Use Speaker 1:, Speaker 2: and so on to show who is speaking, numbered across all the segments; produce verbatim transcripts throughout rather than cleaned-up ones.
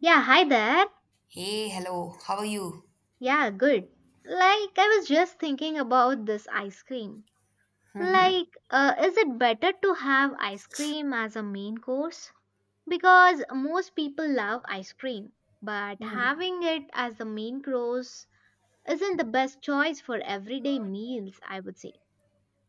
Speaker 1: Yeah, hi there.
Speaker 2: Hey, hello. How are you?
Speaker 1: Yeah, good. Like, I was just thinking about this ice cream.
Speaker 2: Mhm,
Speaker 1: Like, uh, is it better to have ice cream as a main course? Because most people love ice cream, but
Speaker 2: mhm.
Speaker 1: having it as the main course isn't the best choice for everyday meals, I would say.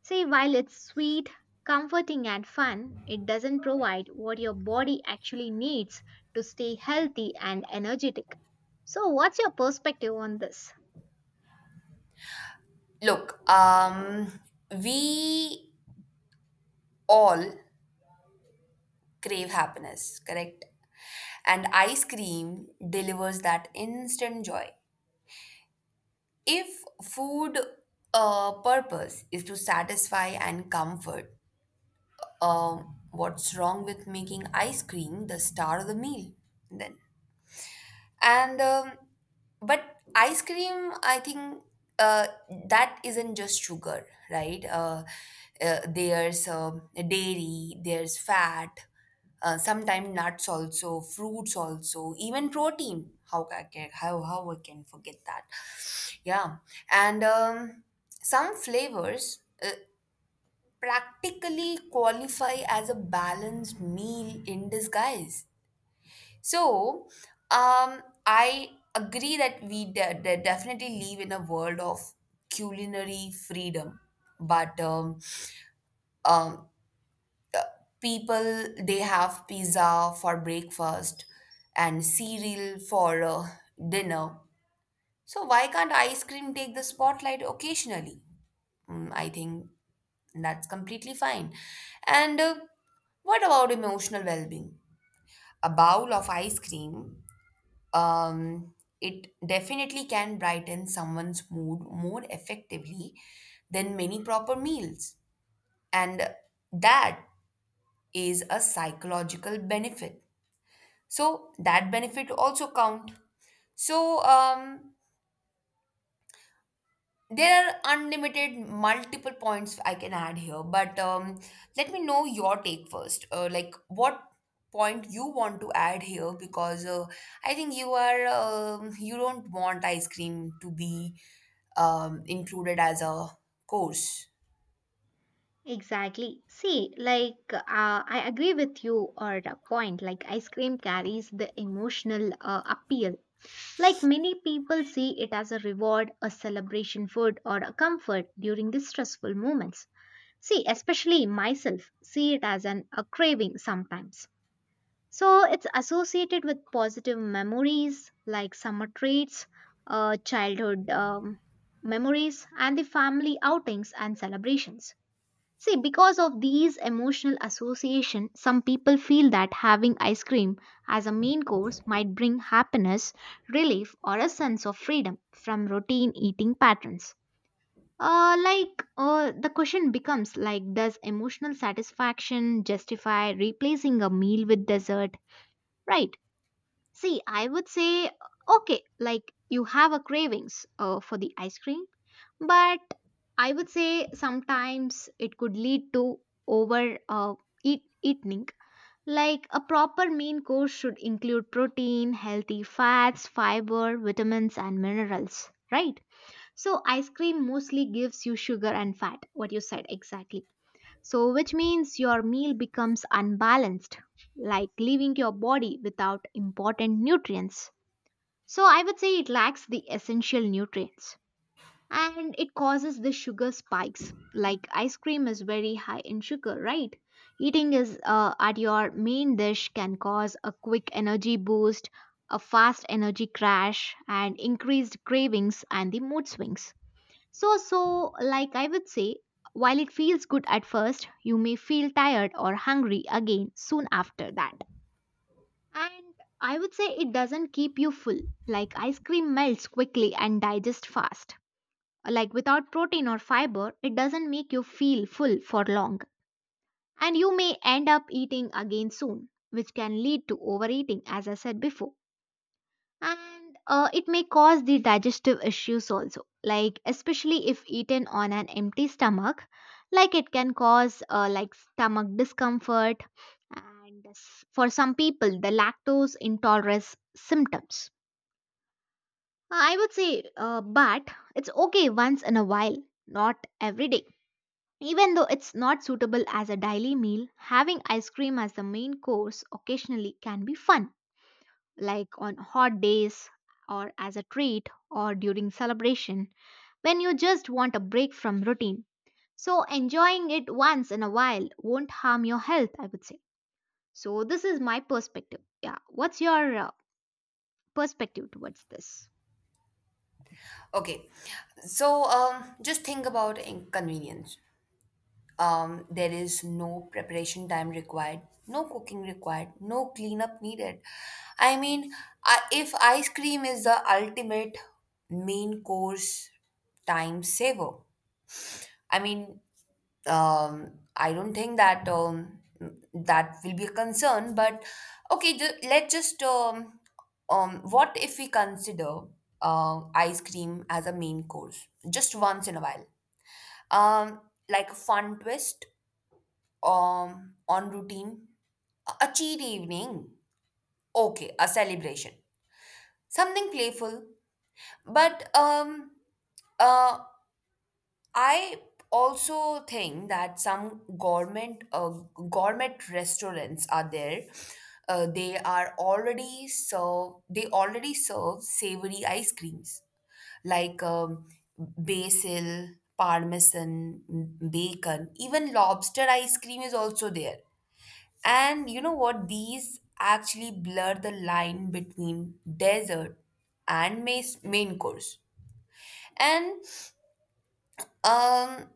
Speaker 1: See, while it's sweet, comforting, and fun, it doesn't provide what your body actually needs to stay healthy and energetic. So, what's your perspective on this?
Speaker 2: Look, um, we all crave happiness, correct? And ice cream delivers that instant joy. If food uh, purpose is to satisfy and comfort, um, what's wrong with making ice cream the star of the meal? Then and um, but ice cream, I think, uh, that isn't just sugar, right? Uh, uh, there's um dairy, there's fat, uh, sometimes nuts, also fruits, also even protein. How I can how how I can forget that? Yeah, and um, some flavors uh, practically qualify as a balanced meal in disguise. So, um, I agree that we de- de- definitely live in a world of culinary freedom, but um, um, people they have pizza for breakfast and cereal for uh, dinner. So why can't ice cream take the spotlight occasionally? Mm, I think that's completely fine. And uh, what about emotional well-being? A bowl of ice cream, um, it definitely can brighten someone's mood more effectively than many proper meals. And that is a psychological benefit. So that benefit also count. So, um, there are unlimited multiple points I can add here, but um, let me know your take first. Uh, like, what point you want to add here, because uh, I think you are um you don't want ice cream to be um, included as a course.
Speaker 1: Exactly. See, like, uh, I agree with you or a point. Like, ice cream carries the emotional uh, appeal. Like, many people see it as a reward, a celebration food, or a comfort during the stressful moments. See, especially myself, see it as an a craving sometimes. So, it's associated with positive memories like summer treats, uh, childhood um, memories, and the family outings and celebrations. See, because of these emotional association, some people feel that having ice cream as a main course might bring happiness, relief, or a sense of freedom from routine eating patterns. Uh, like uh, the question becomes like does emotional satisfaction justify replacing a meal with dessert, right? See, I would say, okay, like you have a cravings uh, for the ice cream, but I would say sometimes it could lead to over uh, eat, eating. Like a proper main course should include protein, healthy fats, fiber, vitamins, and minerals, right? So, ice cream mostly gives you sugar and fat, what you said exactly. So, which means your meal becomes unbalanced, like leaving your body without important nutrients. So I would say it lacks the essential nutrients and it causes the sugar spikes. Like ice cream is very high in sugar, right? Eating is uh, at your main dish can cause a quick energy boost, a fast energy crash, and increased cravings and the mood swings. So, so like I would say, while it feels good at first, you may feel tired or hungry again soon after that. And I would say it doesn't keep you full. Like ice cream melts quickly and digests fast. Like without protein or fiber, it doesn't make you feel full for long. And you may end up eating again soon, which can lead to overeating, as I said before, and uh, it may cause the digestive issues also, like especially if eaten on an empty stomach, like it can cause uh, like stomach discomfort and s- for some people the lactose intolerance symptoms. I would say uh, but it's okay once in a while, not every day. Even though it's not suitable as a daily meal, having ice cream as the main course occasionally can be fun, like on hot days or as a treat or during celebration, when you just want a break from routine. So enjoying it once in a while won't harm your health, I would say. So this is my perspective. Yeah, what's your uh, perspective towards this?
Speaker 2: Okay, so um, just think about inconvenience. Um, there is no preparation time required, no cooking required, no cleanup needed. I mean, I, if ice cream is the ultimate main course time saver, I mean, um, I don't think that um, that will be a concern. But okay, ju- let's just, um, um, what if we consider uh, ice cream as a main course just once in a while, um, like a fun twist um on routine, a cheat evening, okay, a celebration, something playful, but um uh I also think that some government uh, gourmet restaurants are there. Uh, they are already serve they already serve savory ice creams, like um, basil, parmesan, bacon, even lobster ice cream is also there. And you know what? These actually blur the line between dessert and main, main course. And um,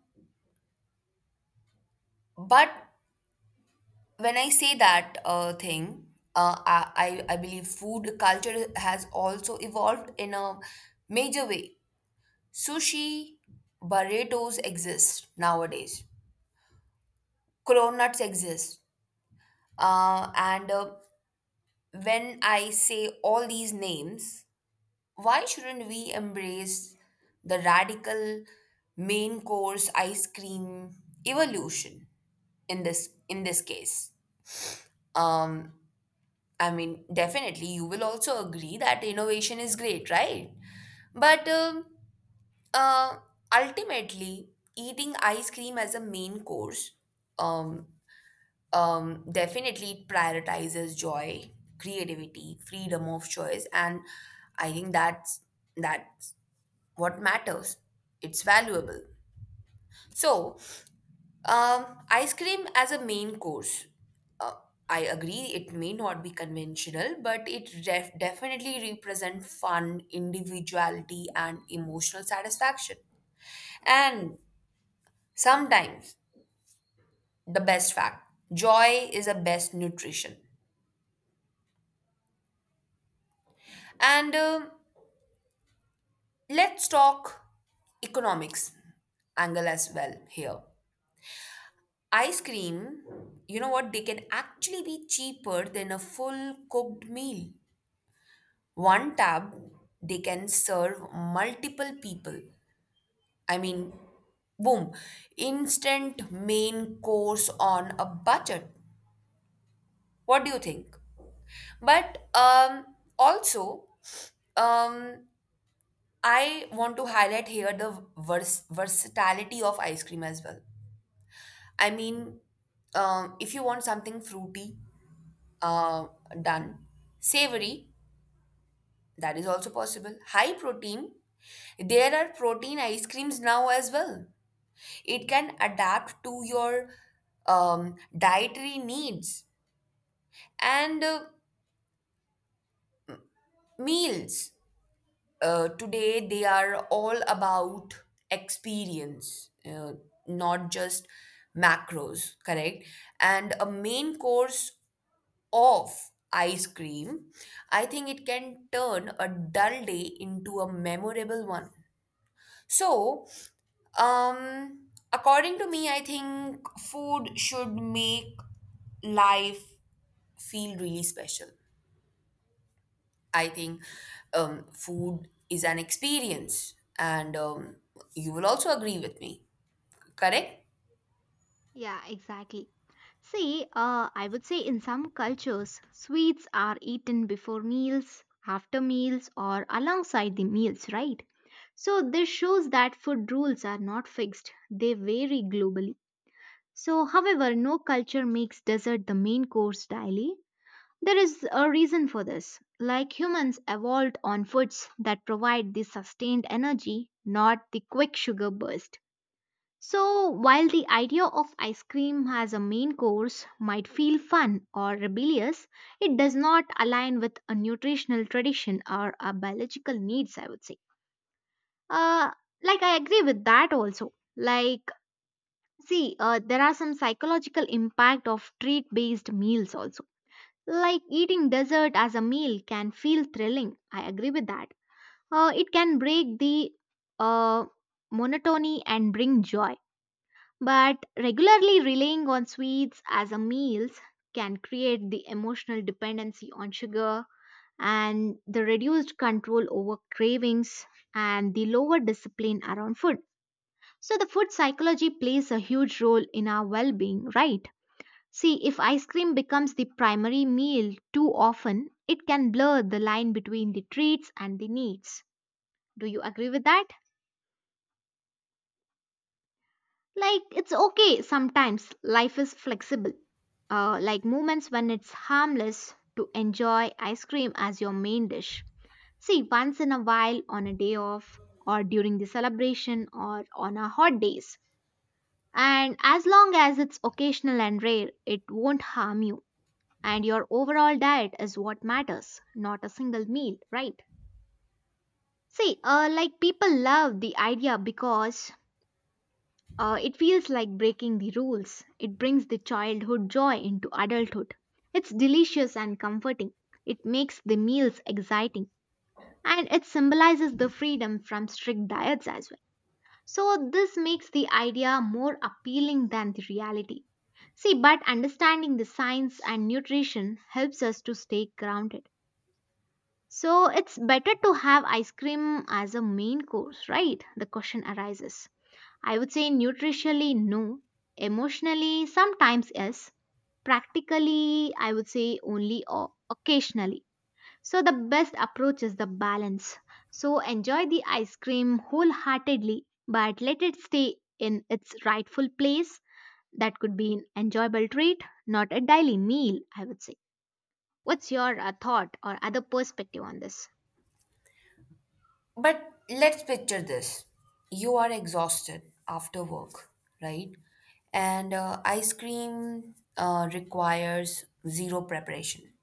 Speaker 2: but when I say that uh, thing, uh, I, I I believe food culture has also evolved in a major way. Sushi, burritos exist nowadays. Cronuts exist. Uh, and uh, when I say all these names, why shouldn't we embrace the radical main course ice cream evolution in this in this case? Um, I mean, definitely, you will also agree that innovation is great, right? But um, uh, ultimately, eating ice cream as a main course, um, um, definitely it prioritizes joy, creativity, freedom of choice, and I think that's that what matters. It's valuable. So, um, ice cream as a main course. Uh, I agree it may not be conventional, but it def- definitely represent fun, individuality, and emotional satisfaction. And sometimes the best fact joy is the best nutrition. And um let's talk economics angle as well here. Ice cream, you know what, they can actually be cheaper than a full cooked meal. One tub, they can serve multiple people. I mean, boom, instant main course on a budget. What do you think? But um, also, um, I want to highlight here the vers- versatility of ice cream as well. I mean, um, if you want something fruity, uh, done. Savory, that is also possible. High protein, there are protein ice creams now as well. It can adapt to your um, dietary needs and uh, meals. Uh, today, they are all about experience, uh, not just macros, correct? And a main course of ice cream, I think it can turn a dull day into a memorable one. So, um, according to me, I think food should make life feel really special. I think, um, food is an experience, and um, you will also agree with me, correct?
Speaker 1: Yeah, exactly. See, uh, I would say in some cultures, sweets are eaten before meals, after meals, or alongside the meals, right? So this shows that food rules are not fixed, they vary globally. So, however, no culture makes dessert the main course daily. There is a reason for this. Like humans evolved on foods that provide the sustained energy, not the quick sugar burst. So, while the idea of ice cream as a main course might feel fun or rebellious, it does not align with a nutritional tradition or our biological needs, I would say. Uh, like, I agree with that also. Like, see, uh, there are some psychological impact of treat-based meals also. Like eating dessert as a meal can feel thrilling. I agree with that. Uh, it can break the uh, monotony and bring joy. But regularly relying on sweets as a meals can create the emotional dependency on sugar and the reduced control over cravings and the lower discipline around food. So the food psychology plays a huge role in our well-being, right? See, if ice cream becomes the primary meal too often, it can blur the line between the treats and the needs. Do you agree with that? Like, it's okay sometimes, life is flexible. Uh, like moments when it's harmless to enjoy ice cream as your main dish. See, once in a while on a day off, or during the celebration, or on a hot days. And as long as it's occasional and rare, it won't harm you. And your overall diet is what matters, not a single meal, right? See, uh, like people love the idea because uh, it feels like breaking the rules. It brings the childhood joy into adulthood. It's delicious and comforting. It makes the meals exciting. And it symbolizes the freedom from strict diets as well. So, this makes the idea more appealing than the reality. See, but understanding the science and nutrition helps us to stay grounded. So it's better to have ice cream as a main course, right? The question arises. I would say nutritionally, no. Emotionally, sometimes yes. Practically, I would say only o- occasionally. So the best approach is the balance. So enjoy the ice cream wholeheartedly, but let it stay in its rightful place. That could be an enjoyable treat, not a daily meal, I would say. What's your uh, thought or other perspective on this?
Speaker 2: But let's picture this. You are exhausted after work, right? And uh, ice cream uh, requires zero preparation.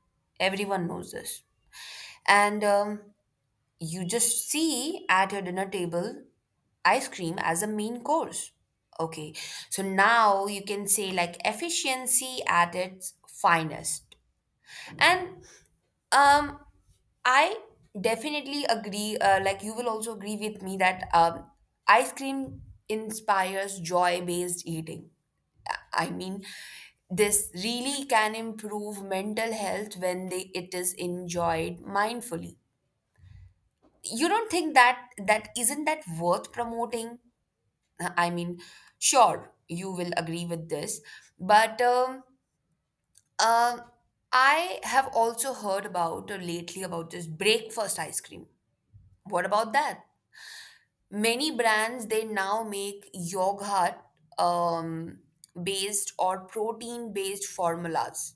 Speaker 2: Everyone knows this. And um, you just see at your dinner table ice cream as a main course. Okay, so now you can say like efficiency at its finest. And um, I definitely agree. Uh, like, you will also agree with me that um, ice cream inspires joy-based eating. I mean, this really can improve mental health when they, it is enjoyed mindfully. You don't think that that isn't that worth promoting? Uh, I mean, sure, you will agree with this, but um, um I have also heard about uh, lately about this breakfast ice cream. What about that? Many brands they now make yogurt um, based or protein based formulas.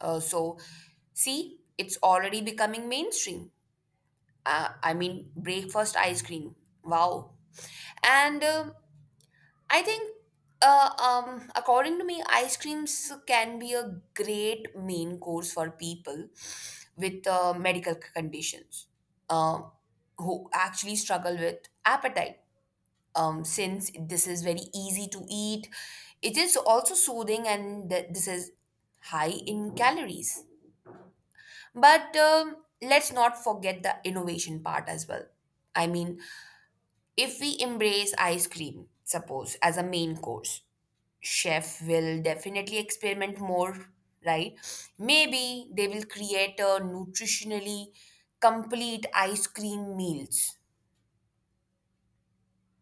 Speaker 2: Uh, so, see, it's already becoming mainstream. Uh, I mean, breakfast ice cream. Wow. And uh, I think, uh, um, according to me, ice creams can be a great main course for people with uh, medical c- conditions, um, who actually struggle with appetite. Um, since this is very easy to eat, it is also soothing, and th- this is high in calories. But um, let's not forget the innovation part as well. I mean, if we embrace ice cream, suppose, as a main course, chef will definitely experiment more, right? Maybe they will create a nutritionally complete ice cream meals.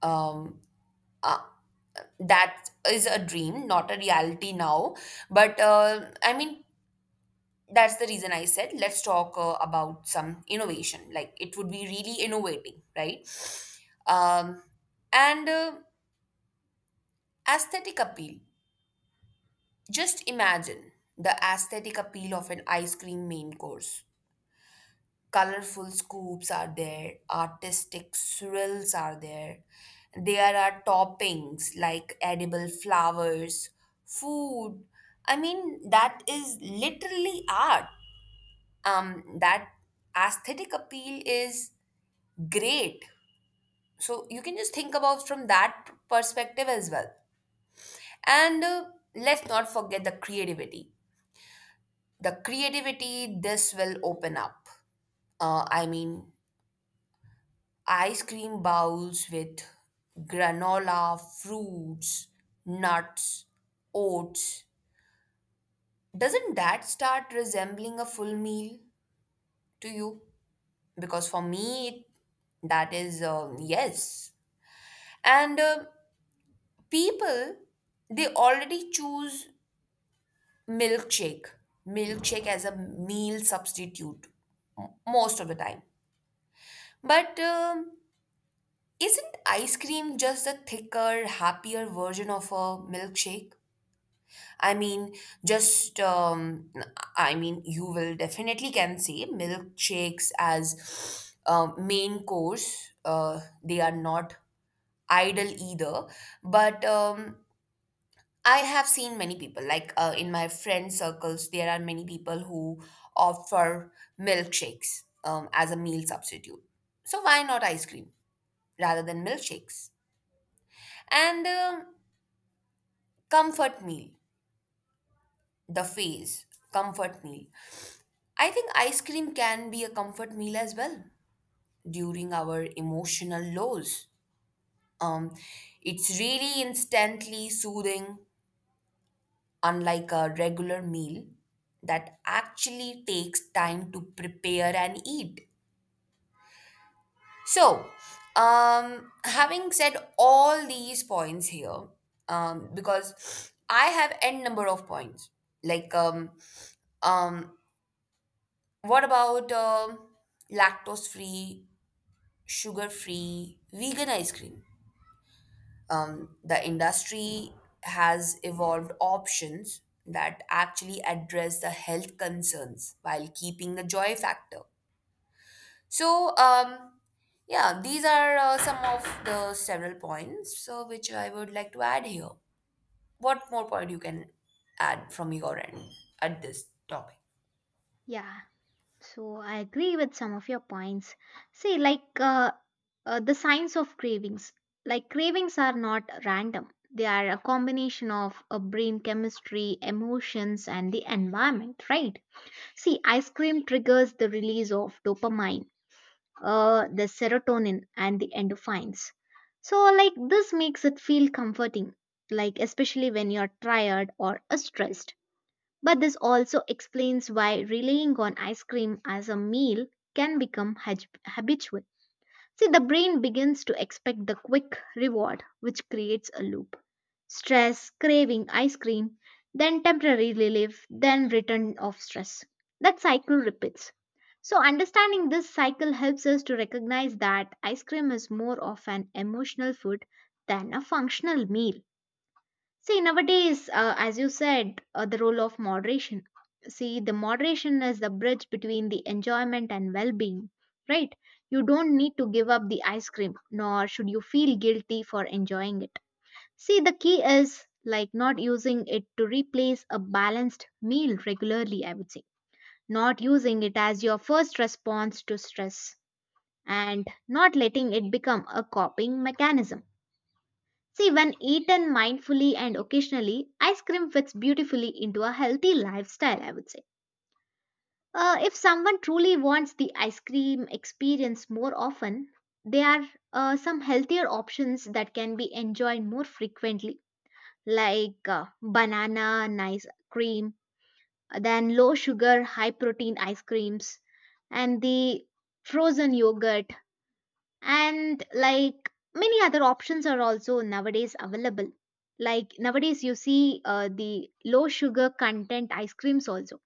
Speaker 2: um uh, that is a dream, not a reality now, but uh, I mean, that's the reason i said let's talk uh, about some innovation. Like, it would be really innovating, right? um and uh, aesthetic appeal. Just imagine the aesthetic appeal of an ice cream main course. Colorful scoops are there, artistic swirls are there. There are toppings like edible flowers, food. I mean, that is literally art. Um, that aesthetic appeal is great. So you can just think about from that perspective as well. And uh, let's not forget the creativity. The creativity this will open up. Uh, I mean, ice cream bowls with granola, fruits, nuts, oats. Doesn't that start resembling a full meal to you? Because for me, that is, um, yes. And uh, people, they already choose milkshake, milkshake as a meal substitute, m- most of the time. But um, isn't ice cream just a thicker, happier version of a milkshake? I mean, just, um, I mean, you will definitely can say milkshakes as uh, main course. Uh, they are not idle either. But um, I have seen many people, like uh, in my friend circles, there are many people who offer milkshakes um, as a meal substitute. So why not ice cream rather than milkshakes? And um comfort meal, the phase, comfort meal. I think ice cream can be a comfort meal as well during our emotional lows. Um, it's really instantly soothing, unlike a regular meal that actually takes time to prepare and eat. So, um, having said all these points here, um, because I have n number of points, like, um, um, what about um lactose free, sugar free, vegan ice cream. Um, the industry has evolved options that actually address the health concerns while keeping the joy factor. So, um, yeah, these are uh, some of the several points uh, which I would like to add here. What more point you can add from your end at this topic?
Speaker 1: Yeah. So I agree with some of your points. See, like uh, uh, the signs of cravings. Like cravings are not random. They are a combination of uh, brain chemistry, emotions, and the environment, right? See, ice cream triggers the release of dopamine, uh, the serotonin, and the endorphins. So, like this makes it feel comforting, like especially when you're tired or uh, stressed. But this also explains why relying on ice cream as a meal can become hab- habitual. See, the brain begins to expect the quick reward, which creates a loop. Stress, craving ice cream, then temporary relief, then return of stress. That cycle repeats. So, understanding this cycle helps us to recognize that ice cream is more of an emotional food than a functional meal. See, nowadays, uh, as you said, uh, the role of moderation. See, the moderation is the bridge between the enjoyment and well being, right? You don't need to give up the ice cream, nor should you feel guilty for enjoying it. See, the key is like not using it to replace a balanced meal regularly, I would say. Not using it as your first response to stress and not letting it become a coping mechanism. See, when eaten mindfully and occasionally, ice cream fits beautifully into a healthy lifestyle, I would say. Uh, if someone truly wants the ice cream experience more often, there are uh, some healthier options that can be enjoyed more frequently, like uh, banana and ice cream, then low sugar, high protein ice creams, and the frozen yogurt, and like many other options are also nowadays available. Like nowadays you see uh, the low sugar content ice creams also.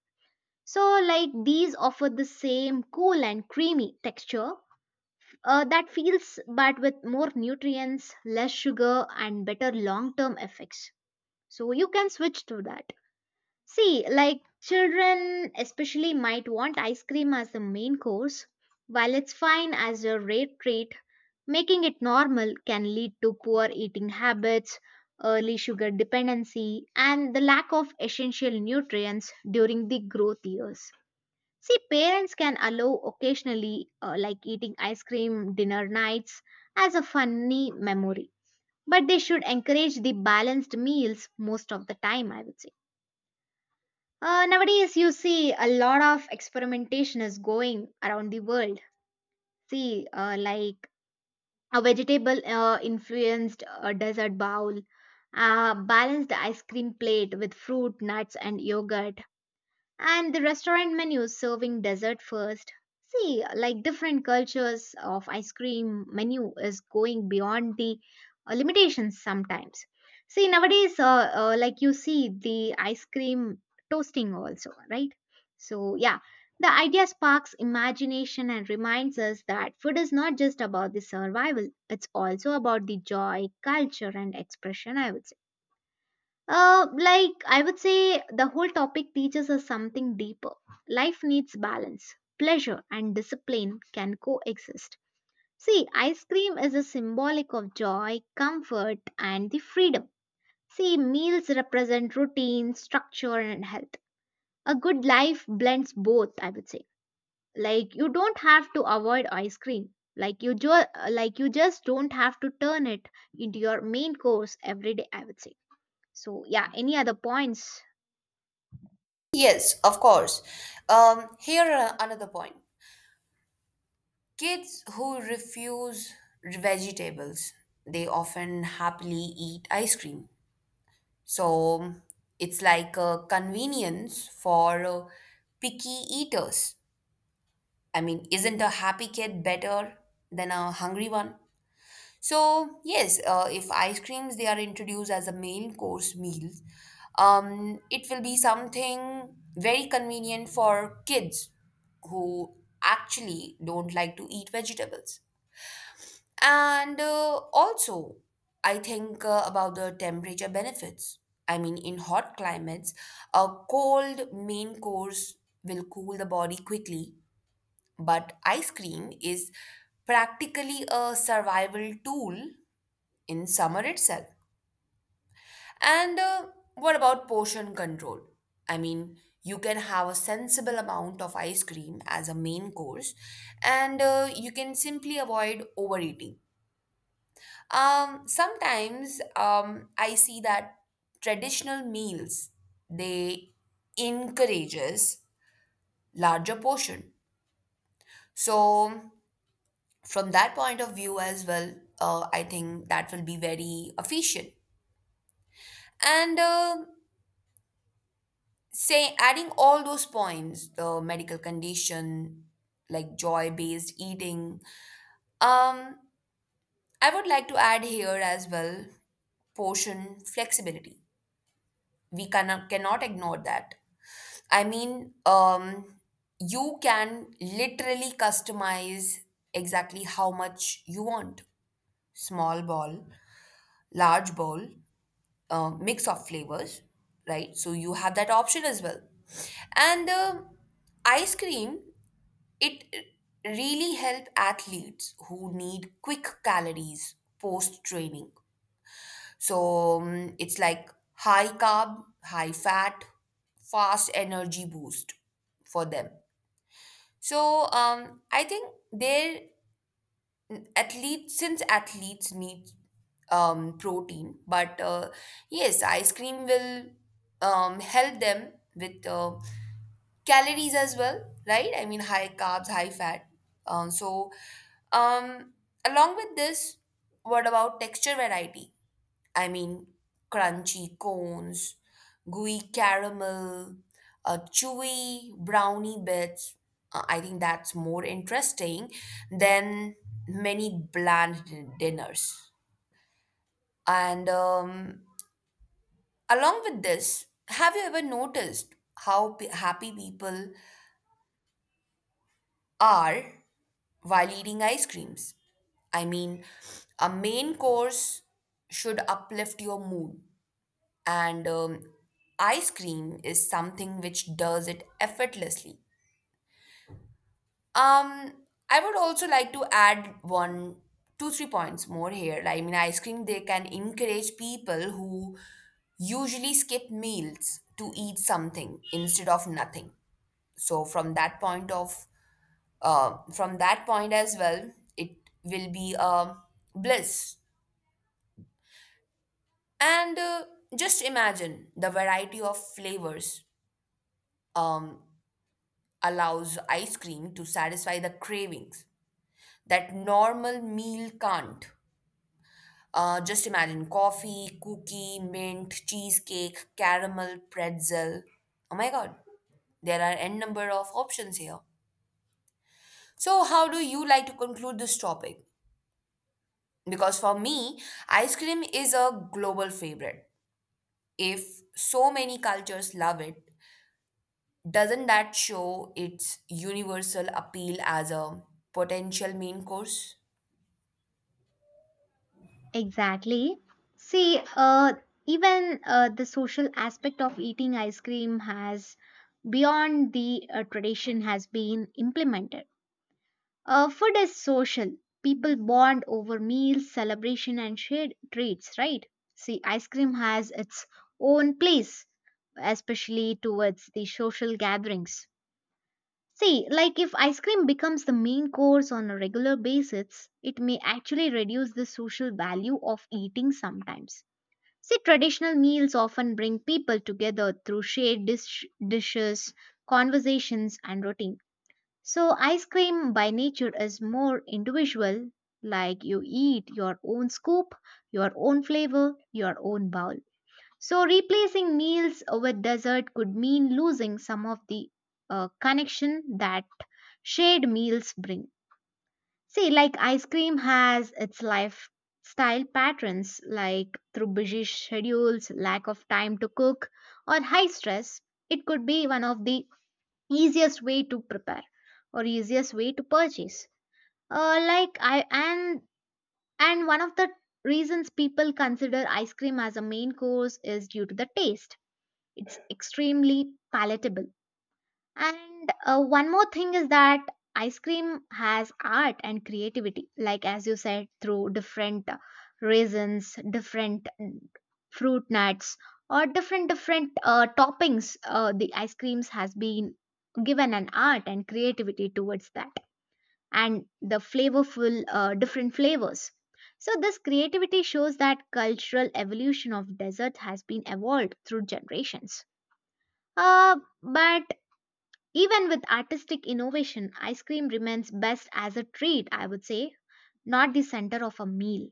Speaker 1: So like these offer the same cool and creamy texture uh, that feels, but with more nutrients, less sugar, and better long term effects. So you can switch to that. See, like children especially might want ice cream as the main course. While it's fine as a rare treat, making it normal can lead to poor eating habits, early sugar dependency, and the lack of essential nutrients during the growth years. See, parents can allow occasionally, uh, like eating ice cream dinner nights, as a funny memory. But they should encourage the balanced meals most of the time, I would say. Uh, nowadays, you see a lot of experimentation is going around the world. See, uh, like a vegetable uh, influenced uh, desert bowl, a balanced ice cream plate with fruit, nuts, and yogurt, and the restaurant menus serving dessert first. See, like different cultures of ice cream menu is going beyond the uh, limitations sometimes. See, nowadays, uh, uh, like you see the ice cream toasting also, right? So, yeah, the idea sparks imagination and reminds us that food is not just about the survival, it's also about the joy, culture, and expression, I would say. Uh, like, I would say the whole topic teaches us something deeper. Life needs balance. Pleasure and discipline can coexist. See, ice cream is a symbolic of joy, comfort, and the freedom. See, meals represent routine, structure, and health. A good life blends both, I would say. Like, you don't have to avoid ice cream. Like you, jo- like you just don't have to turn it into your main course every day, I would say. So, yeah, any other points?
Speaker 2: Yes, of course. Um, here, uh, another point. Kids who refuse vegetables, they often happily eat ice cream. So it's like a convenience for uh, picky eaters. I mean, isn't a happy kid better than a hungry one? So yes, uh, if ice creams they are introduced as a main course meal, um, it will be something very convenient for kids who actually don't like to eat vegetables. And uh, also, I think uh, about the temperature benefits. I mean, in hot climates, a cold main course will cool the body quickly, but ice cream is practically a survival tool in summer itself. And uh, what about portion control? I mean, you can have a sensible amount of ice cream as a main course, and uh, you can simply avoid overeating. Um, sometimes um, I see that traditional meals they encourages larger portion. So from that point of view as well, uh, I think that will be very efficient. And uh, say adding all those points, the medical condition, like joy-based eating. Um, I would like to add here as well, portion flexibility. We cannot cannot ignore that. I mean, um, you can literally customize exactly how much you want. Small bowl, large bowl, uh, mix of flavors, right? So you have that option as well. And the ice cream, it really help athletes who need quick calories post training. So, um, it's like high carb, high fat, fast energy boost for them. So, um, I think they're athletes, since athletes need um, protein, but uh, yes, ice cream will um, help them with uh, calories as well, right? I mean, high carbs, high fat. Um, so, um, along with this, what about texture variety? I mean, crunchy cones, gooey caramel, uh, chewy brownie bits. Uh, I think that's more interesting than many bland din- dinners. And um, along with this, have you ever noticed how p- happy people are while eating ice creams? I mean, a main course should uplift your mood, and um, ice cream is something which does it effortlessly. Um, I would also like to add one, two, three points more here. I mean, ice cream they can encourage people who usually skip meals to eat something instead of nothing. So from that point of, uh, from that point as well, it will be a bliss. And uh, just imagine the variety of flavors. Um, Allows ice cream to satisfy the cravings that normal meal can't. Uh, just imagine coffee, cookie, mint, cheesecake, caramel, pretzel. Oh my god, there are n number of options here. So, how do you like to conclude this topic? Because for me, ice cream is a global favorite. If so many cultures love it, doesn't that show its universal appeal as a potential main course?
Speaker 1: Exactly. See, uh, even uh, the social aspect of eating ice cream has, beyond the uh, tradition, has been implemented. Uh, food is social. People bond over meals, celebration, and shared treats, right? See, ice cream has its own place, especially towards the social gatherings. See, like if ice cream becomes the main course on a regular basis, it may actually reduce the social value of eating sometimes. See, traditional meals often bring people together through shared dish- dishes, conversations, and routine. So, ice cream by nature is more individual, like you eat your own scoop, your own flavor, your own bowl. So, replacing meals with dessert could mean losing some of the uh, connection that shared meals bring. See, like ice cream has its lifestyle patterns, like through busy schedules, lack of time to cook, or high stress. It could be one of the easiest way to prepare or easiest way to purchase. Uh, like I and and one of the reasons people consider ice cream as a main course is due to the taste. It's extremely palatable. And uh, one more thing is that ice cream has art and creativity, like as you said, through different uh, raisins, different mm, fruit nuts, or different different uh, toppings. Uh, the ice creams has been given an art and creativity towards that, and the flavorful uh, different flavors. So this creativity shows that cultural evolution of dessert has been evolved through generations. Uh, but even with artistic innovation, ice cream remains best as a treat, I would say, not the center of a meal.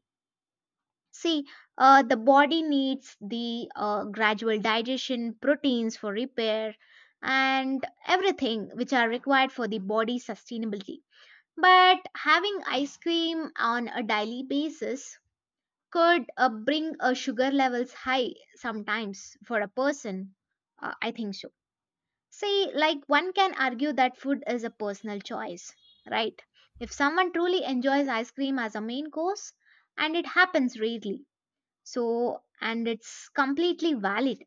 Speaker 1: See, uh, the body needs the uh, gradual digestion, proteins for repair, and everything which are required for the body sustainability. But having ice cream on a daily basis could uh, bring uh, sugar levels high sometimes for a person. Uh, I think so. See, like one can argue that food is a personal choice, right? If someone truly enjoys ice cream as a main course, and it happens rarely, so and it's completely valid.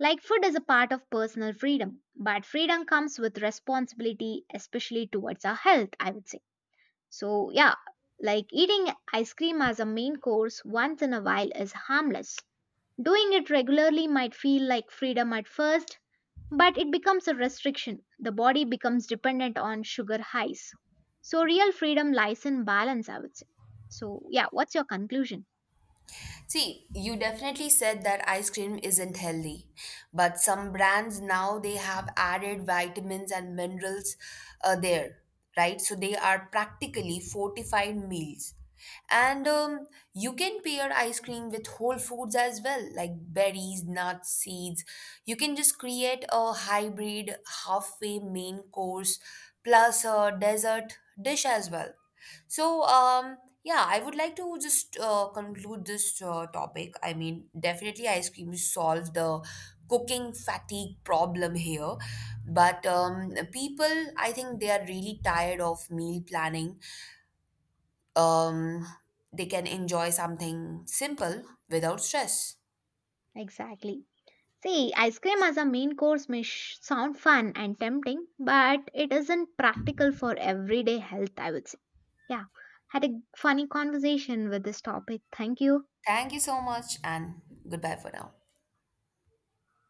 Speaker 1: Like food is a part of personal freedom, but freedom comes with responsibility, especially towards our health, I would say. So, yeah, like eating ice cream as a main course once in a while is harmless. Doing it regularly might feel like freedom at first, but it becomes a restriction. The body becomes dependent on sugar highs. So, real freedom lies in balance, I would say. So, yeah, what's your conclusion?
Speaker 2: See, you definitely said that ice cream isn't healthy, but some brands now they have added vitamins and minerals uh, there, right? So they are practically fortified meals. And um, you can pair ice cream with whole foods as well, like berries, nuts, seeds. You can just create a hybrid halfway main course plus a dessert dish as well. So, um, yeah, I would like to just uh, conclude this uh, topic. I mean, definitely ice cream solves the cooking fatigue problem here, but um, people, I think they are really tired of meal planning. Um, they can enjoy something simple without stress.
Speaker 1: Exactly. See, ice cream as a main course may sh- sound fun and tempting, but it isn't practical for everyday health, I would say. Yeah, had a funny conversation with this topic. Thank you.
Speaker 2: Thank you so much, and goodbye for now.